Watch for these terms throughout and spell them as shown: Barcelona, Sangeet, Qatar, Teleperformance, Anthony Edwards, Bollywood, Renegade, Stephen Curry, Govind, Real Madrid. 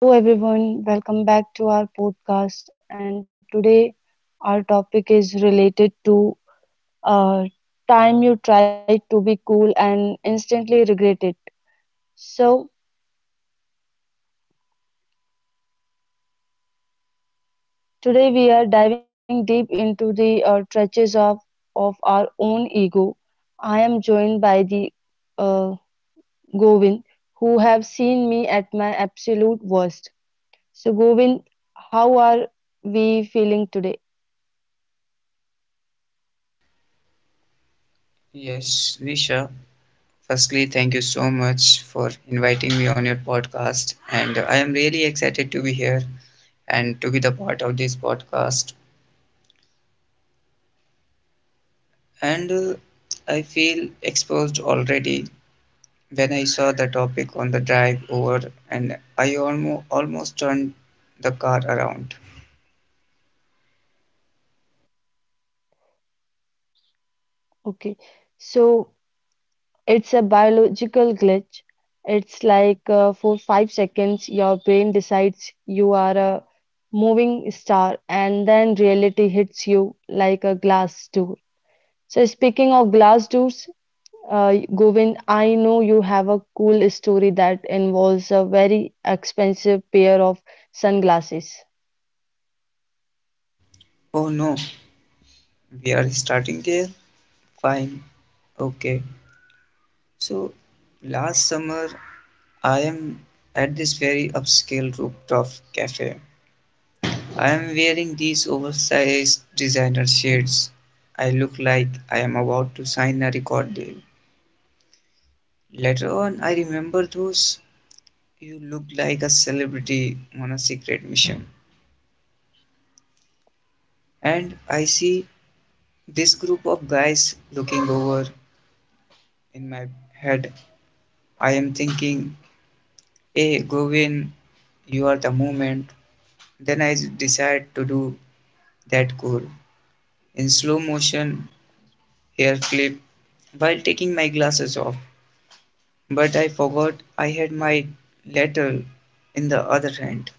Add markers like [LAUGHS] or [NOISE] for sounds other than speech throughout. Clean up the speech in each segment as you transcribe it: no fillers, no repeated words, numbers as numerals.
So, hello everyone, welcome back to our podcast. And today, our topic is related to uh, time you tried to be cool and instantly regret it. So, today we are diving deep into the trenches of our own ego. I am joined by the uh, Govind, who have seen me at my absolute worst. So, Govind, how are we feeling today? Yes, Risha. Firstly, thank you so much for inviting me on your podcast, and I am really excited to be here and to be the part of this podcast. And I feel exposed already when I saw the topic on the drive over, and I almost turned the car around. Okay, so it's a biological glitch. It's like for 5 seconds, your brain decides you are a moving star, and then reality hits you like a glass door. So, speaking of glass doors, Govind, I know you have a cool story that involves a very expensive pair of sunglasses. Oh no, we are starting there? Fine. Okay. So last summer, I am at this very upscale rooftop cafe. I am wearing these oversized designer shades. I look like I am about to sign a record deal. Later on, I remember those. You look like a celebrity on a secret mission. And I see this group of guys looking over. In my head, I am thinking, hey, Govin, you are the moment. Then I decide to do that goal in slow motion, hair flip, while taking my glasses off. But I forgot I had my letter in the other hand.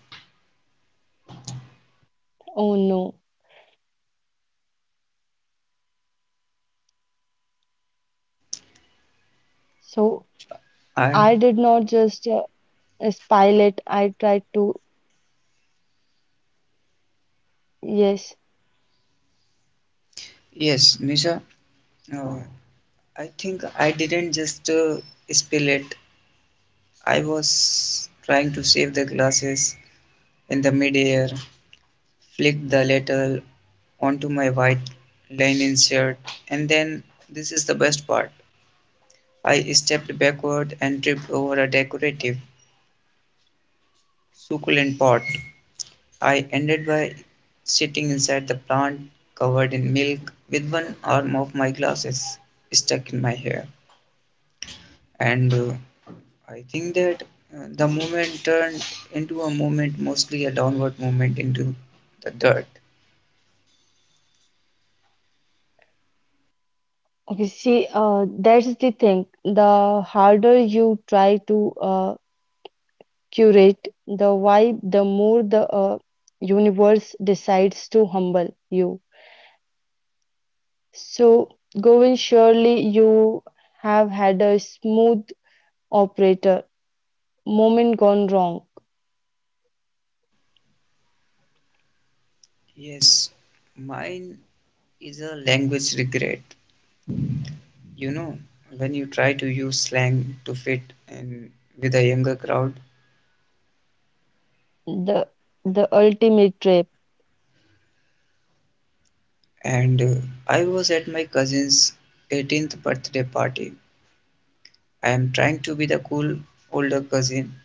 Oh no. So, I, I did not just spill it, I tried to, yes. yes, Nisha, uh, I think I didn't just spill it. I was trying to save the glasses in the midair, flicked the letter onto my white linen shirt, and then this is the best part. I stepped backward and tripped over a decorative, succulent pot. I ended by sitting inside the plant covered in milk with one arm of my glasses stuck in my hair. And I think that the movement turned into a movement, mostly a downward movement into the dirt. Okay, see, that's the thing. The harder you try to curate the vibe, the more the universe decides to humble you. So, Govind, surely you have had a smooth operator moment gone wrong. Yes, mine is a language regret. You know, when you try to use slang to fit in with a younger crowd, The the ultimate trip, and I was at my cousin's 18th birthday party. I am trying to be the cool older cousin,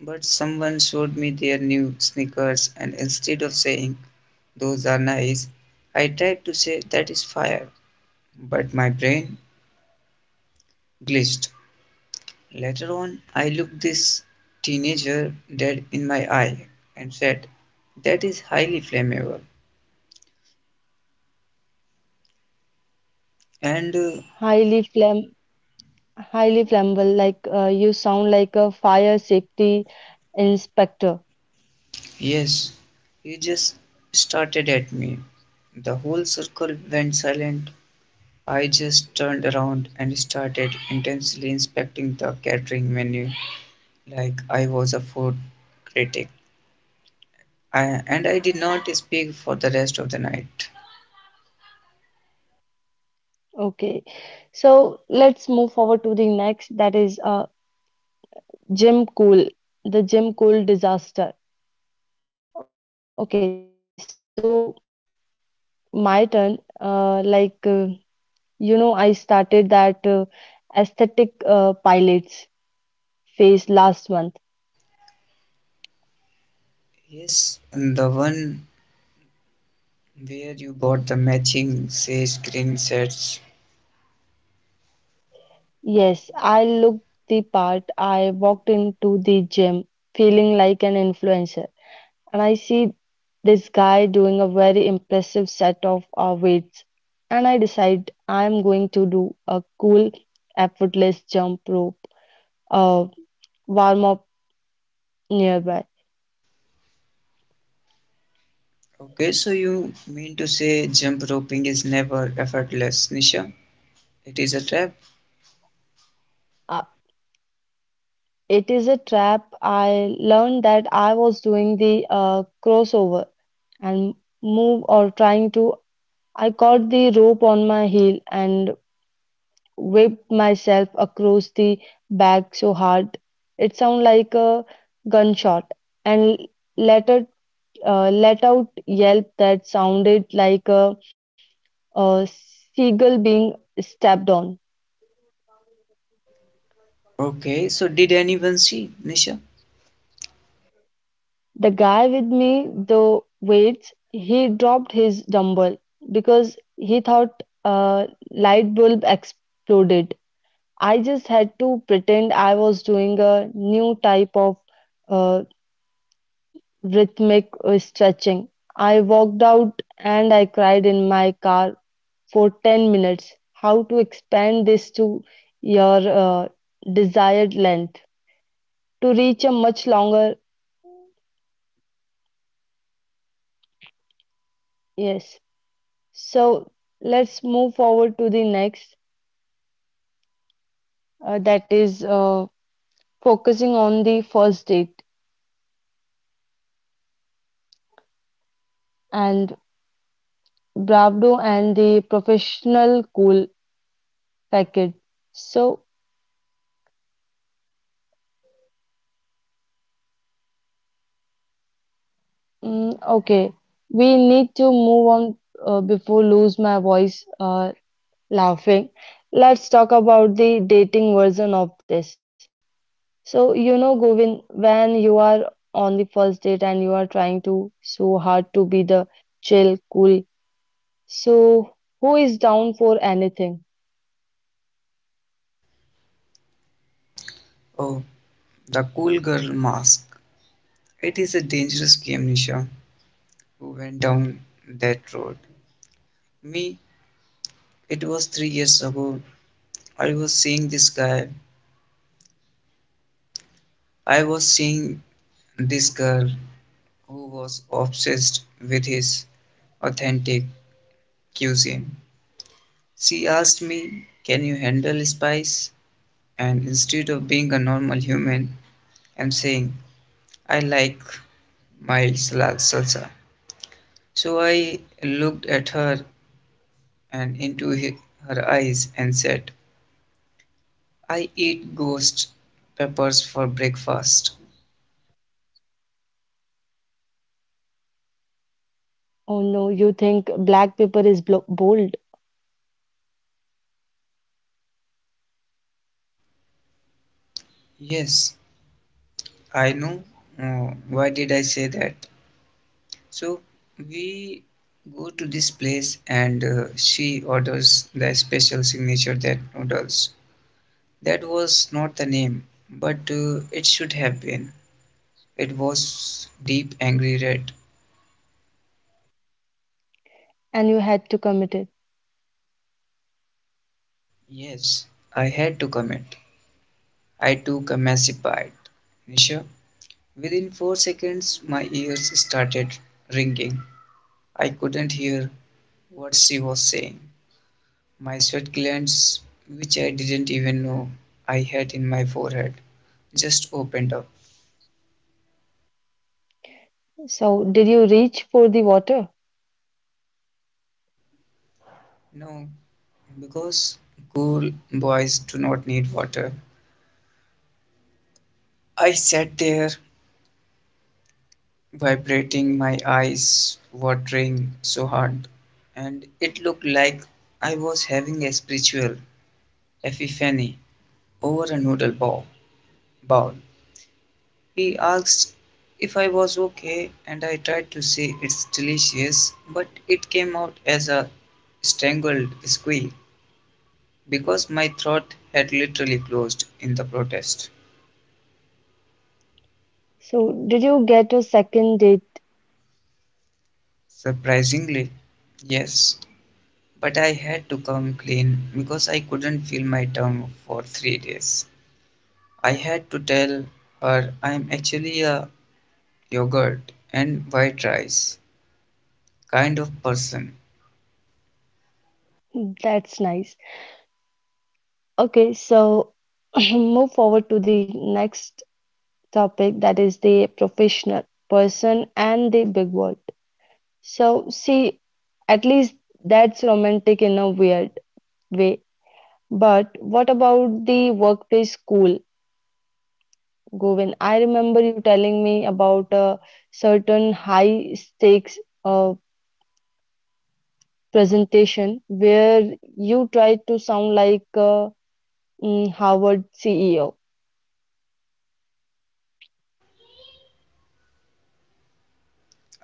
but someone showed me their new sneakers, and instead of saying, "Those are nice," I tried to say, "That is fire," but my brain glitched. Later on, I looked this teenager dead in my eye and said, "That is highly flammable." And highly flam, highly flammable. Like you sound like a fire safety inspector. yes, he just started at me. The whole circle went silent. I just turned around and started intensely inspecting the catering menu like I was a food critic. And I did not speak for the rest of the night. Okay, so let's move forward to the next that is Jim Cool, the Jim Cool disaster. Okay, so my turn. You know, I started that aesthetic pilots phase last month. Yes, the one where you bought the matching sage green sets. Yes, I looked the part. I walked into the gym feeling like an influencer, and I see this guy doing a very impressive set of weights, and I decide I am going to do a effortless jump rope uh, warm up nearby. Okay, so you mean to say jump roping is never effortless, Nisha? It is a trap. Uh, it is a trap. I learned that I was doing the crossover and move or trying to. I caught the rope on my heel and whipped myself across the back so hard it sounded like a gunshot, and let out, let out yelp that sounded like a seagull being stepped on. Okay, so did anyone see, Nisha? The guy with me, the weights, he dropped his dumbbell because he thought a light bulb exploded. I just had to pretend I was doing a new type of uh, rhythmic stretching. I walked out and I cried in my car for 10 minutes. How to expand this to your desired length to reach a much longer, yes. So let's move forward to the next, that is focusing on the first date and Bravdo and the professional cool package. So okay, we need to move on before lose my voice laughing. Let's talk about the dating version of this. So, you know, Govind, when you are on the first date and you are trying to so hard to be the chill, cool, so who is down for anything? Oh, the cool girl mask. It is a dangerous game, Nisha, who went down that road. Me, it was 3 years ago. I was seeing I was seeing this girl who was obsessed with his authentic cuisine. She asked me, "Can you handle spice?" And instead of being a normal human, I'm saying, I like salsa. So I looked at her and into her eyes and said, "I eat ghost peppers for breakfast." Oh no, you think black pepper is bold Yes, I know. Why did I say that? So we go to this place and she orders the special signature that noodles. That was not the name, but it should have been. It was deep angry red. and you had to commit it. Yes, I had to commit. I took a massive bite. Nisha, within 4 seconds, my ears started ringing. I couldn't hear what she was saying. My sweat glands, which I didn't even know I had in my forehead, just opened up. So, did you reach for the water? No, because cool boys do not need water. I sat there, vibrating, my eyes watering so hard, and it looked like I was having a spiritual epiphany over a noodle bowl. He asked if I was okay, and I tried to say it's delicious, but it came out as a strangled squeal because my throat had literally closed in the protest. So, did you get a second date? Surprisingly, yes, but I had to come clean because I couldn't feel my tongue for 3 days. I had to tell her I'm actually a yogurt and white rice kind of person. That's nice. Okay, so [LAUGHS] [CLEARS THROAT] move forward to the next topic that is the professional person and the big world. So, see, at least that's romantic in a weird way. But what about the workplace school, Govin? I remember you telling me about a certain high stakes uh, presentation where you tried to sound like a Harvard CEO.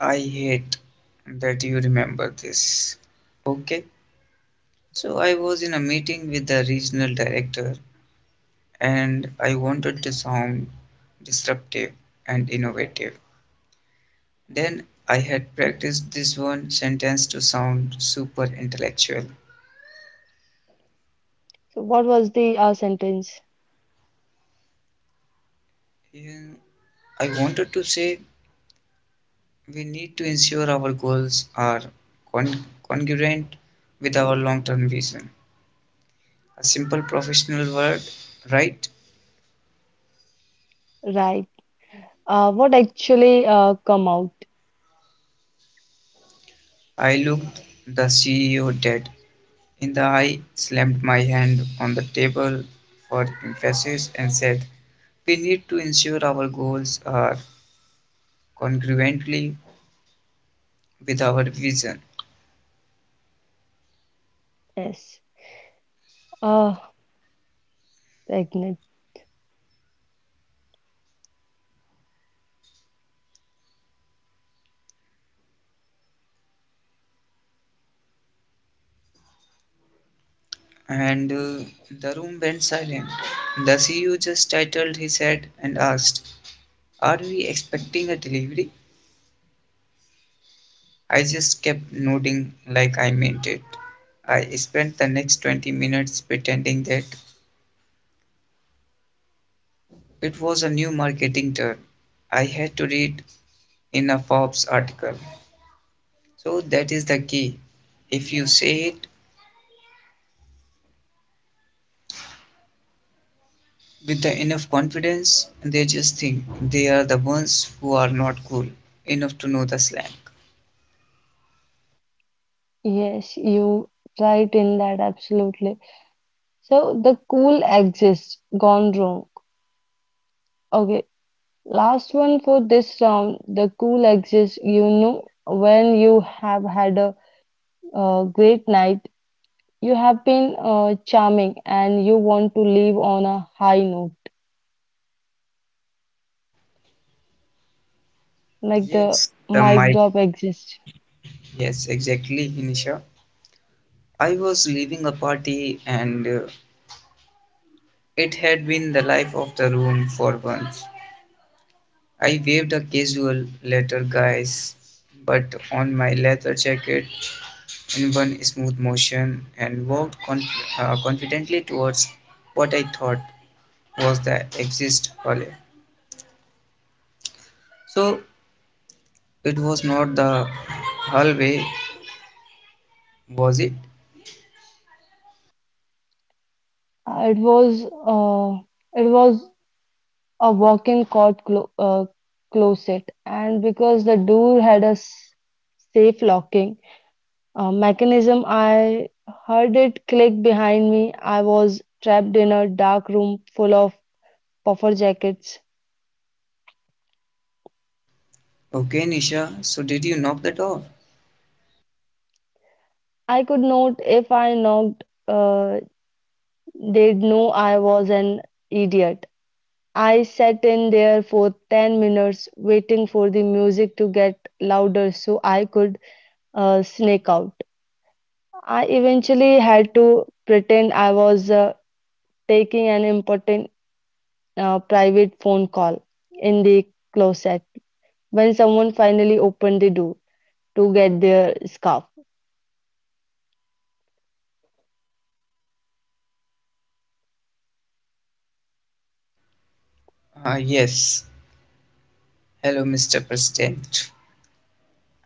I hate that you remember this. Okay, so I was in a meeting with the regional director and I wanted to sound disruptive and innovative. Then I had practiced this one sentence to sound super intellectual. So, what was the sentence? Yeah, I wanted to say we need to ensure our goals are con- congruent with our long term vision. A simple professional word, right? Right. What actually come out I looked the CEO dead in the eye, slammed my hand on the table for emphasis, and said, "We need to ensure our goals are congruently with our vision." is uh, pregnant. And the room went silent. The CEO just titled his head and asked, "Are we expecting a delivery?" I just kept nodding like I meant it. I spent the next 20 minutes pretending that it was a new marketing term I had to read in a Forbes article. So that is the key. If you say it with the enough confidence, they just think they are the ones who are not cool enough to know the slang. Yes, you right in that absolutely. So the cool exists gone wrong. Okay, last one for this round. The cool exists. You know when you have had a, great night, you have been charming, and you want to leave on a high note, like the Yes, the mic mic. drop exists. Yes, exactly, Inisha. I was leaving a party and it had been the life of the room for once. I waved a casual letter, guys, but on my leather jacket in one smooth motion and walked confidently towards what I thought was the exit hallway. So it was not the hallway, was it? Uh, It was uh, it was a walk-in closet, and because the door had a safe locking mechanism, I heard it click behind me. I was trapped in a dark room full of puffer jackets. Okay, Nisha, so did you knock the door? I could not, if I knocked, they'd know I was an idiot. I sat in there for 10 minutes waiting for the music to get louder so I could sneak out. I eventually had to pretend I was taking an important private phone call in the closet when someone finally opened the door to get their scarf. Yes. Hello, Mr. President.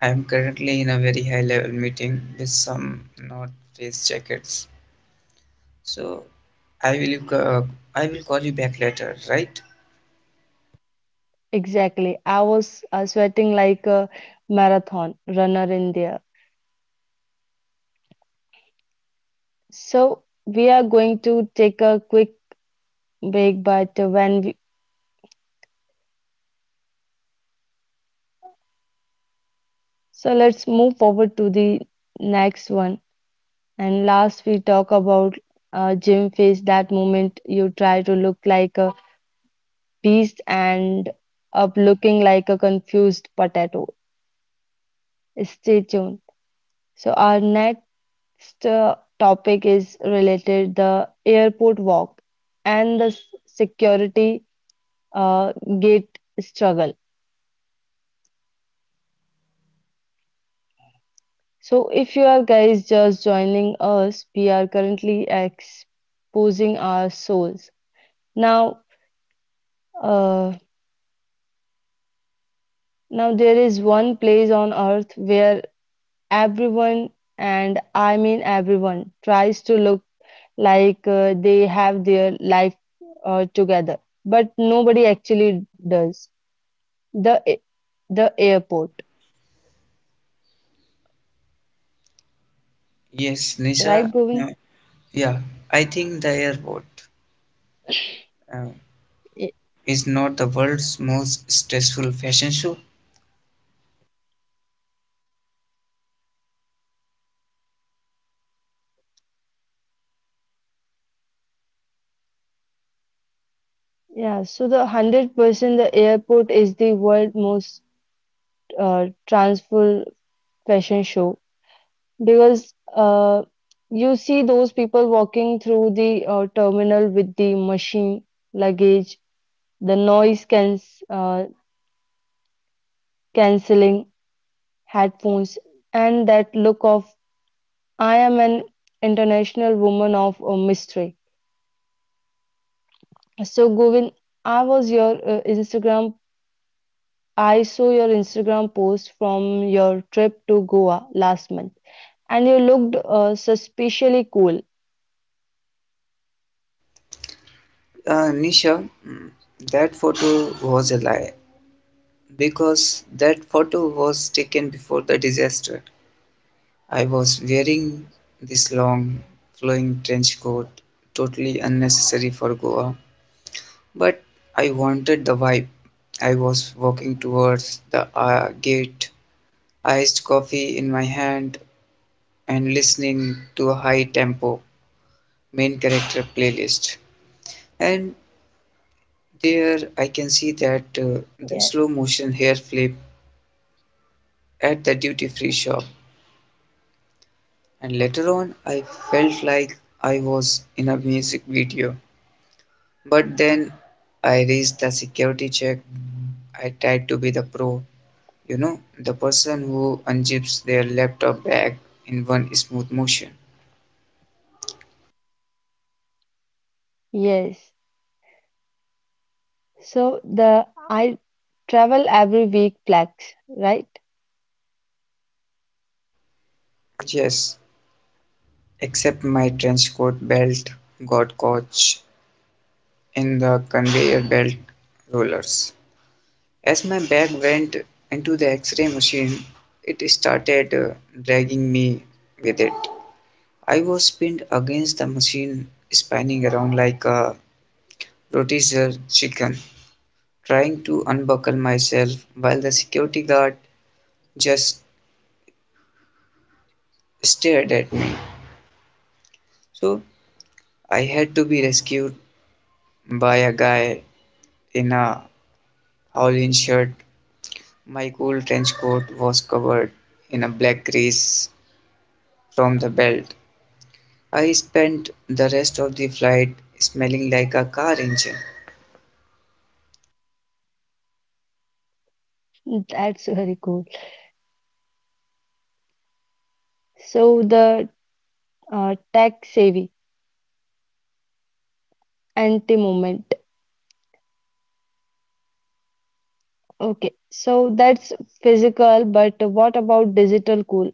I am currently in a very high level meeting with some not face jackets. So I will I will call you back later, right? Exactly. I was sweating like a marathon runner in there. So we are going to take a quick break, but so let's move forward to the next one. And last, we talk about gym face, that moment you try to look like a beast and up looking like a confused potato. Stay tuned. So our next topic is related the airport walk and the security uh, gate struggle. So if you are guys just joining us, we are currently exposing our souls. Now, uh, now there is one place on earth where everyone, and I mean everyone, tries to look like they have their life together, but nobody actually does. The the airport, Yes, Nisha. right, Govind? Uh, yeah, I think the airport uh, Y- is not the world's most stressful fashion show. Yeah. So the 100% the airport is the world most transful fashion show because you see those people walking through the terminal with the machine luggage, the noise can uh, canceling headphones, and that look of I am an international woman of mystery. So, Govind, I was your Instagram. I saw your Instagram post from your trip to Goa last month, and you looked suspiciously cool. Nisha, mm, that photo was a lie because that photo was taken before the disaster. I was wearing this long, flowing trench coat, totally unnecessary for Goa, but I wanted the vibe. I was walking towards the gate, iced coffee in my hand, and listening to a high tempo main character playlist. And there, I can see that Yeah. the slow motion hair flip at the duty free shop, and later on, I felt like I was in a music video. But then I raised the security check. I tried to be the pro, you know, the person who unzips their laptop bag in one smooth motion. Yes. So the I travel every week flags, right? Yes, except my trench coat belt got caught in the conveyor belt rollers. As my bag went into the x ray machine, it started dragging me with it. I was pinned against the machine, spinning around like a rotisserie chicken, trying to unbuckle myself while the security guard just stared at me. So I had to be rescued by a guy in a Hawaiian shirt. My cool trench coat was covered in a black grease from the belt. I spent the rest of the flight smelling like a car engine. [LAUGHS] That's very cool. So the tech savvy anti moment. Okay. So that's physical, but what about digital cool?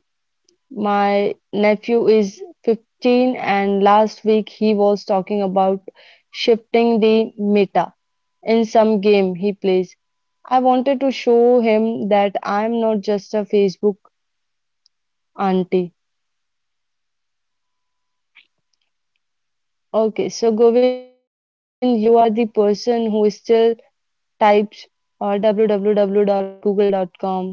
My nephew is 15, and last week he was talking about shifting the meta in some game he plays. I wanted to show him that I'm not just a Facebook auntie. Okay, so Govind, you are the person who still types or www.google.com.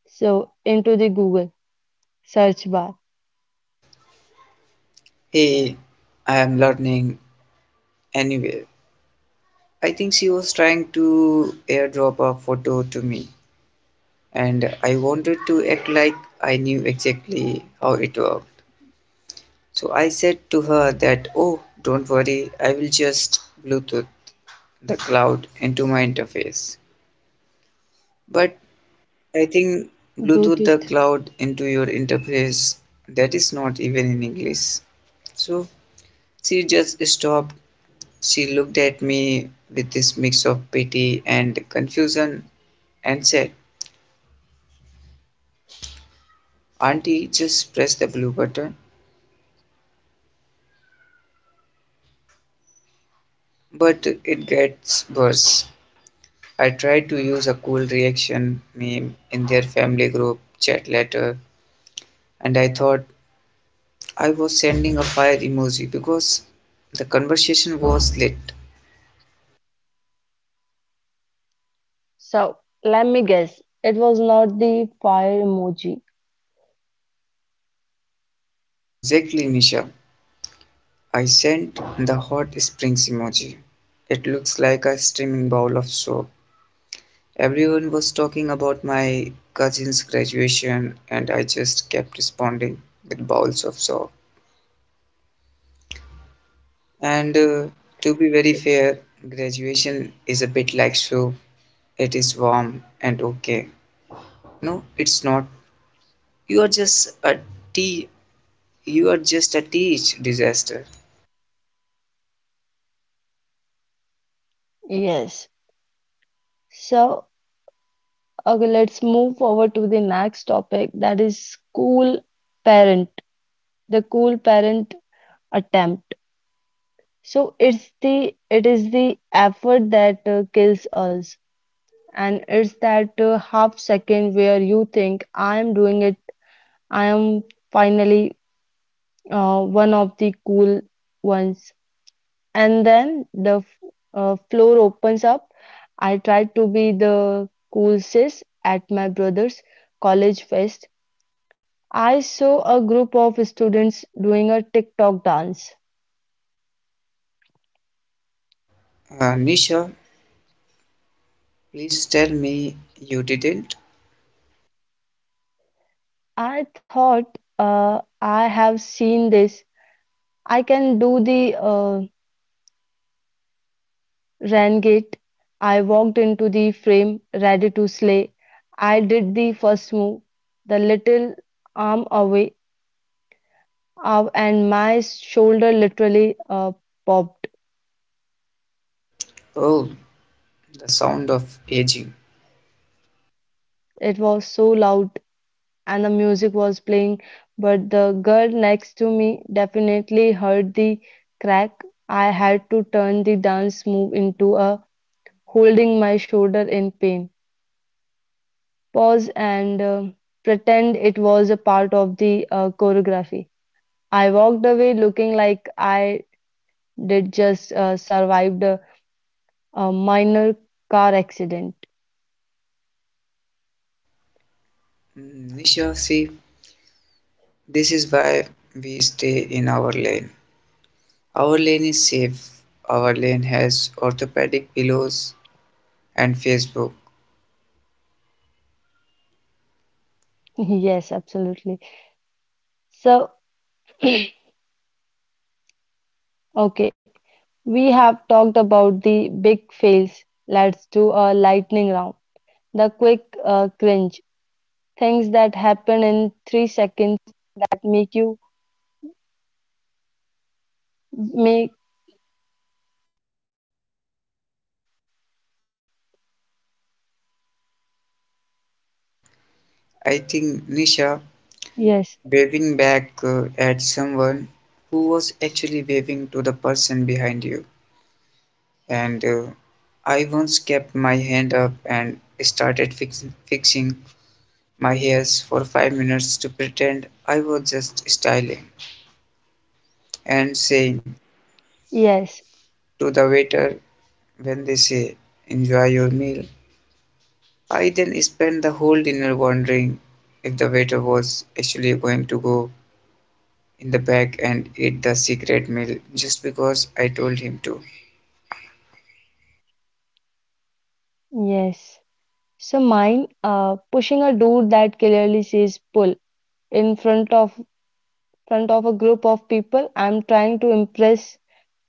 so into the Google search bar Hey, I am learning anyway. I think she was trying to airdrop a photo to me, and I wanted to act like I knew exactly how it worked. So I said to her that, oh, don't worry, I will just Bluetooth the cloud into my interface. But I think Bluetooth the cloud Bluetooth. into your interface, that is not even in English. So she just stopped. She looked at me with this mix of pity and confusion and said, "Auntie, just press the blue button." But it gets worse. I tried to use a cool reaction meme in their family group chat later, and I thought I was sending a fire emoji because the conversation was lit. So let me guess, it was not the fire emoji. Exactly, Nisha. I sent the hot springs emoji. It looks like a steaming bowl of soap. Everyone was talking about my cousin's graduation, and I just kept responding with bowls of soap. And to be very fair, graduation is a bit like soup. It is warm and okay. No, it's not. You are just a tea. You are just a teach disaster. Yes, so, okay, let's move forward to the next topic that is cool parent, the cool parent attempt. So it is the effort that kills us, and it's that half second where you think I am doing it, I am finally one of the cool ones, and then the floor opens up. I tried to be the cool sis at my brother's college fest I saw a group of students doing a TikTok dance. Nisha, please tell me you didn't. I thought, I have seen this. I can do the Renegade. I walked into the frame, ready to slay. I did the first move, the little arm away, and my shoulder literally popped. Oh, the sound of aging. It was so loud and the music was playing, but the girl next to me definitely heard the crack. I had to turn the dance move into a holding my shoulder in pain, pause, and pretend it was a part of the choreography. I walked away looking like I did just survived a minor car accident. Mm, Nisha, see, this is why we stay in our lane. Our lane is safe. Our lane has orthopedic pillows and Facebook. [LAUGHS] Yes, absolutely. So, [CLEARS THROAT] okay, we have talked about the big fails. Let's do a lightning round. The quick cringe, things that happen in 3 seconds. I think Nisha Yes, waving back at someone who was actually waving to the person behind you. And I once kept my hand up and started fixing my hairs for 5 minutes to pretend I was just styling and saying yes, to the waiter when they say, "Enjoy your meal," I then spent the whole dinner wondering if the waiter was actually going to go in the back and eat the secret meal just because I told him to. yes. So mine, pushing a door that clearly says pull in front of a group of people I'm trying to impress,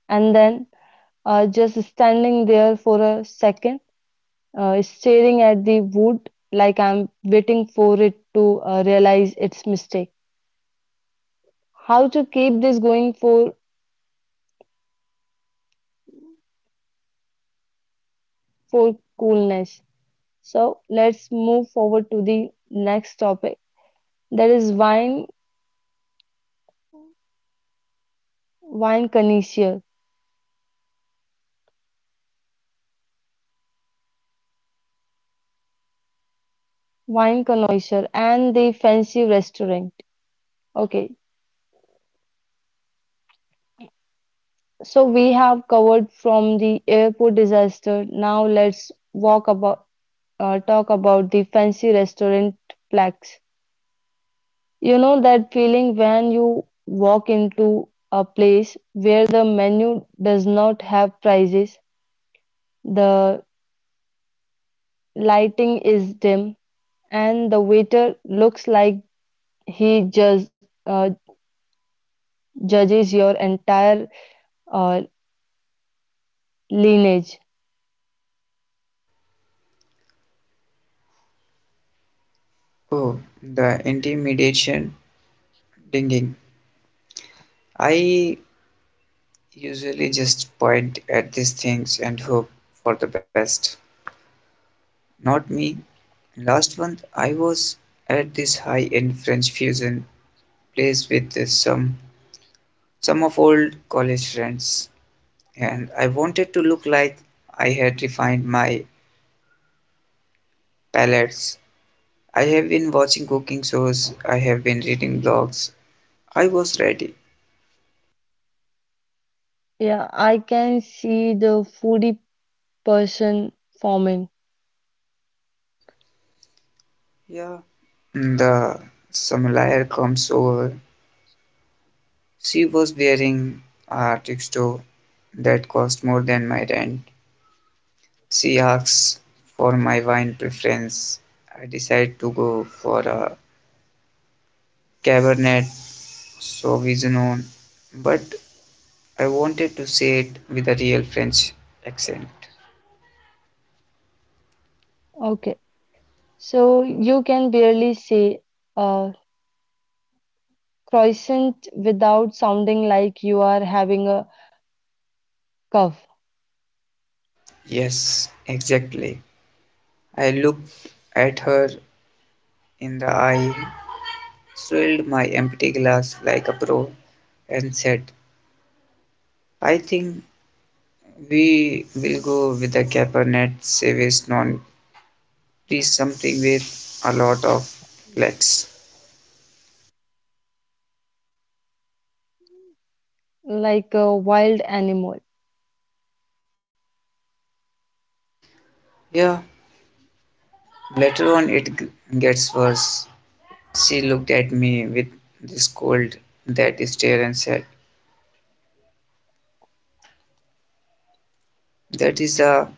and then just standing there for a second, staring at the wood like waiting for it to realize its mistake. How to keep this going for coolness? So let's move forward to the next topic. That is wine, wine connoisseurs. Wine connoisseur and the fancy restaurant. Okay, so we have covered from the airport disaster. Now let's walk about talk about the fancy restaurant plaques. You know that feeling when you walk into a place where the menu does not have prices, the lighting is dim, and the waiter looks like he just judges your entire uh, lineage. Oh, the intimidation dinging. I usually just point at these things and hope for the best. Not me. Last month I was at this high-end French fusion place with some of old college friends, and I wanted to look like I had refined my palettes. I have been watching cooking shows, I have been reading blogs. I was ready. Yeah, I can see the foodie person forming. Yeah. The sommelier comes over. She was wearing a tuxedo that cost more than my rent. She asks for my wine preference. I decide to go for a Cabernet Sauvignon, but I wanted to say it with a real French accent. Okay, so you can barely say a croissant without sounding like you are having a cough, Yes, exactly. I looked at her in the eye, swilled my empty glass like a pro, and said, "I think we will go with the Cabernet Sauvignon, please, something with a lot of flex." like a wild animal. Yeah, later on it gets worse. She looked at me with this cold, that stare and said, "That is a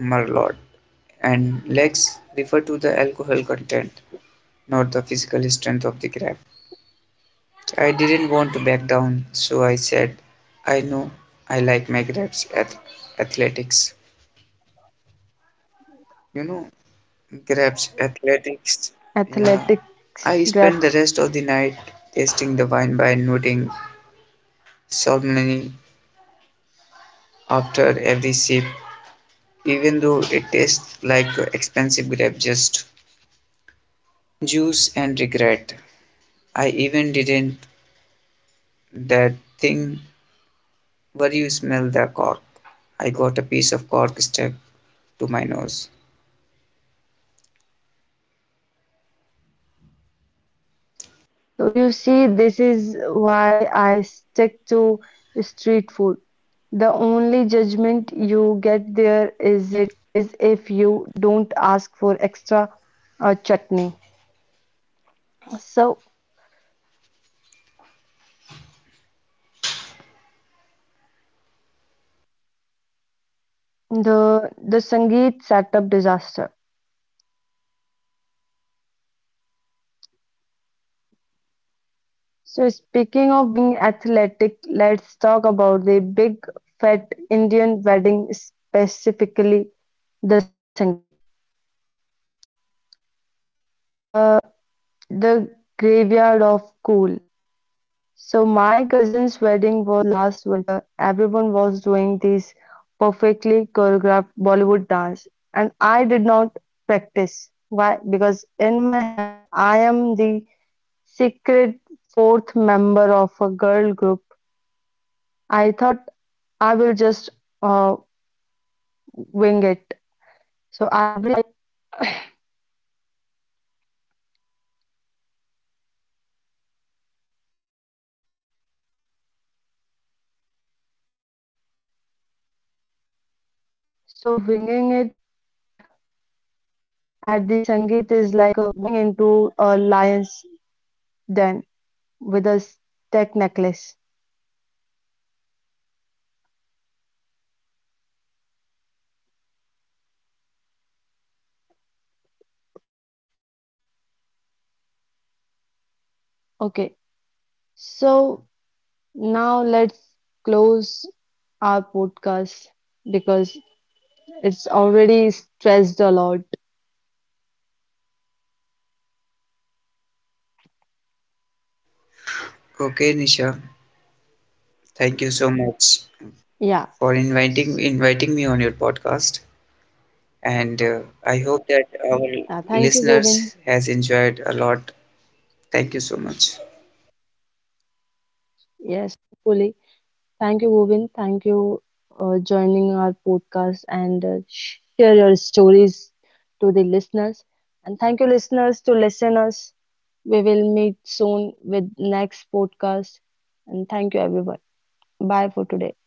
Merlot, and legs refer to the alcohol content, not the physical strength of the grab." I didn't want to back down, so I said, "I know I like my grabs at athletics. You know, grabs Athletics grabs. athletics." Yeah. I spent the rest of the night tasting the wine by noting solemnly after every sip, even though it tastes like expensive grape just juice and regret. I even didn't that thing where you smell the cork. I got a piece of cork stuck to my nose. So you see, this is why I stick to street food. The only judgment you get there is it is if you don't ask for extra chutney. So the Sangeet setup disaster. So speaking of being athletic, let's talk about the big fat Indian wedding, specifically the Sangeet, uh, the graveyard of cool. So my cousin's wedding was last winter. Everyone was doing this perfectly choreographed Bollywood dance, and I did not practice. Why? Because in my head, I am the secret fourth member of a girl group. I thought I will just uh, wing it. So I will bring the vibe. So winging it at the Sangeet is like walking into a lion's den with a stack necklace. Okay, so now let's close our podcast because it's already stressed a lot. Okay, Nisha, thank you so much Yeah. S- for inviting me on your podcast, and I hope that thank our you, Govind. listeners has enjoyed a lot. Thank you so much. Yes, fully. Thank you, Govind. Thank you joining our podcast and share your stories to the listeners. And thank you, listeners, to listen us. We will meet soon with next podcast. And thank you, everyone. Bye for today.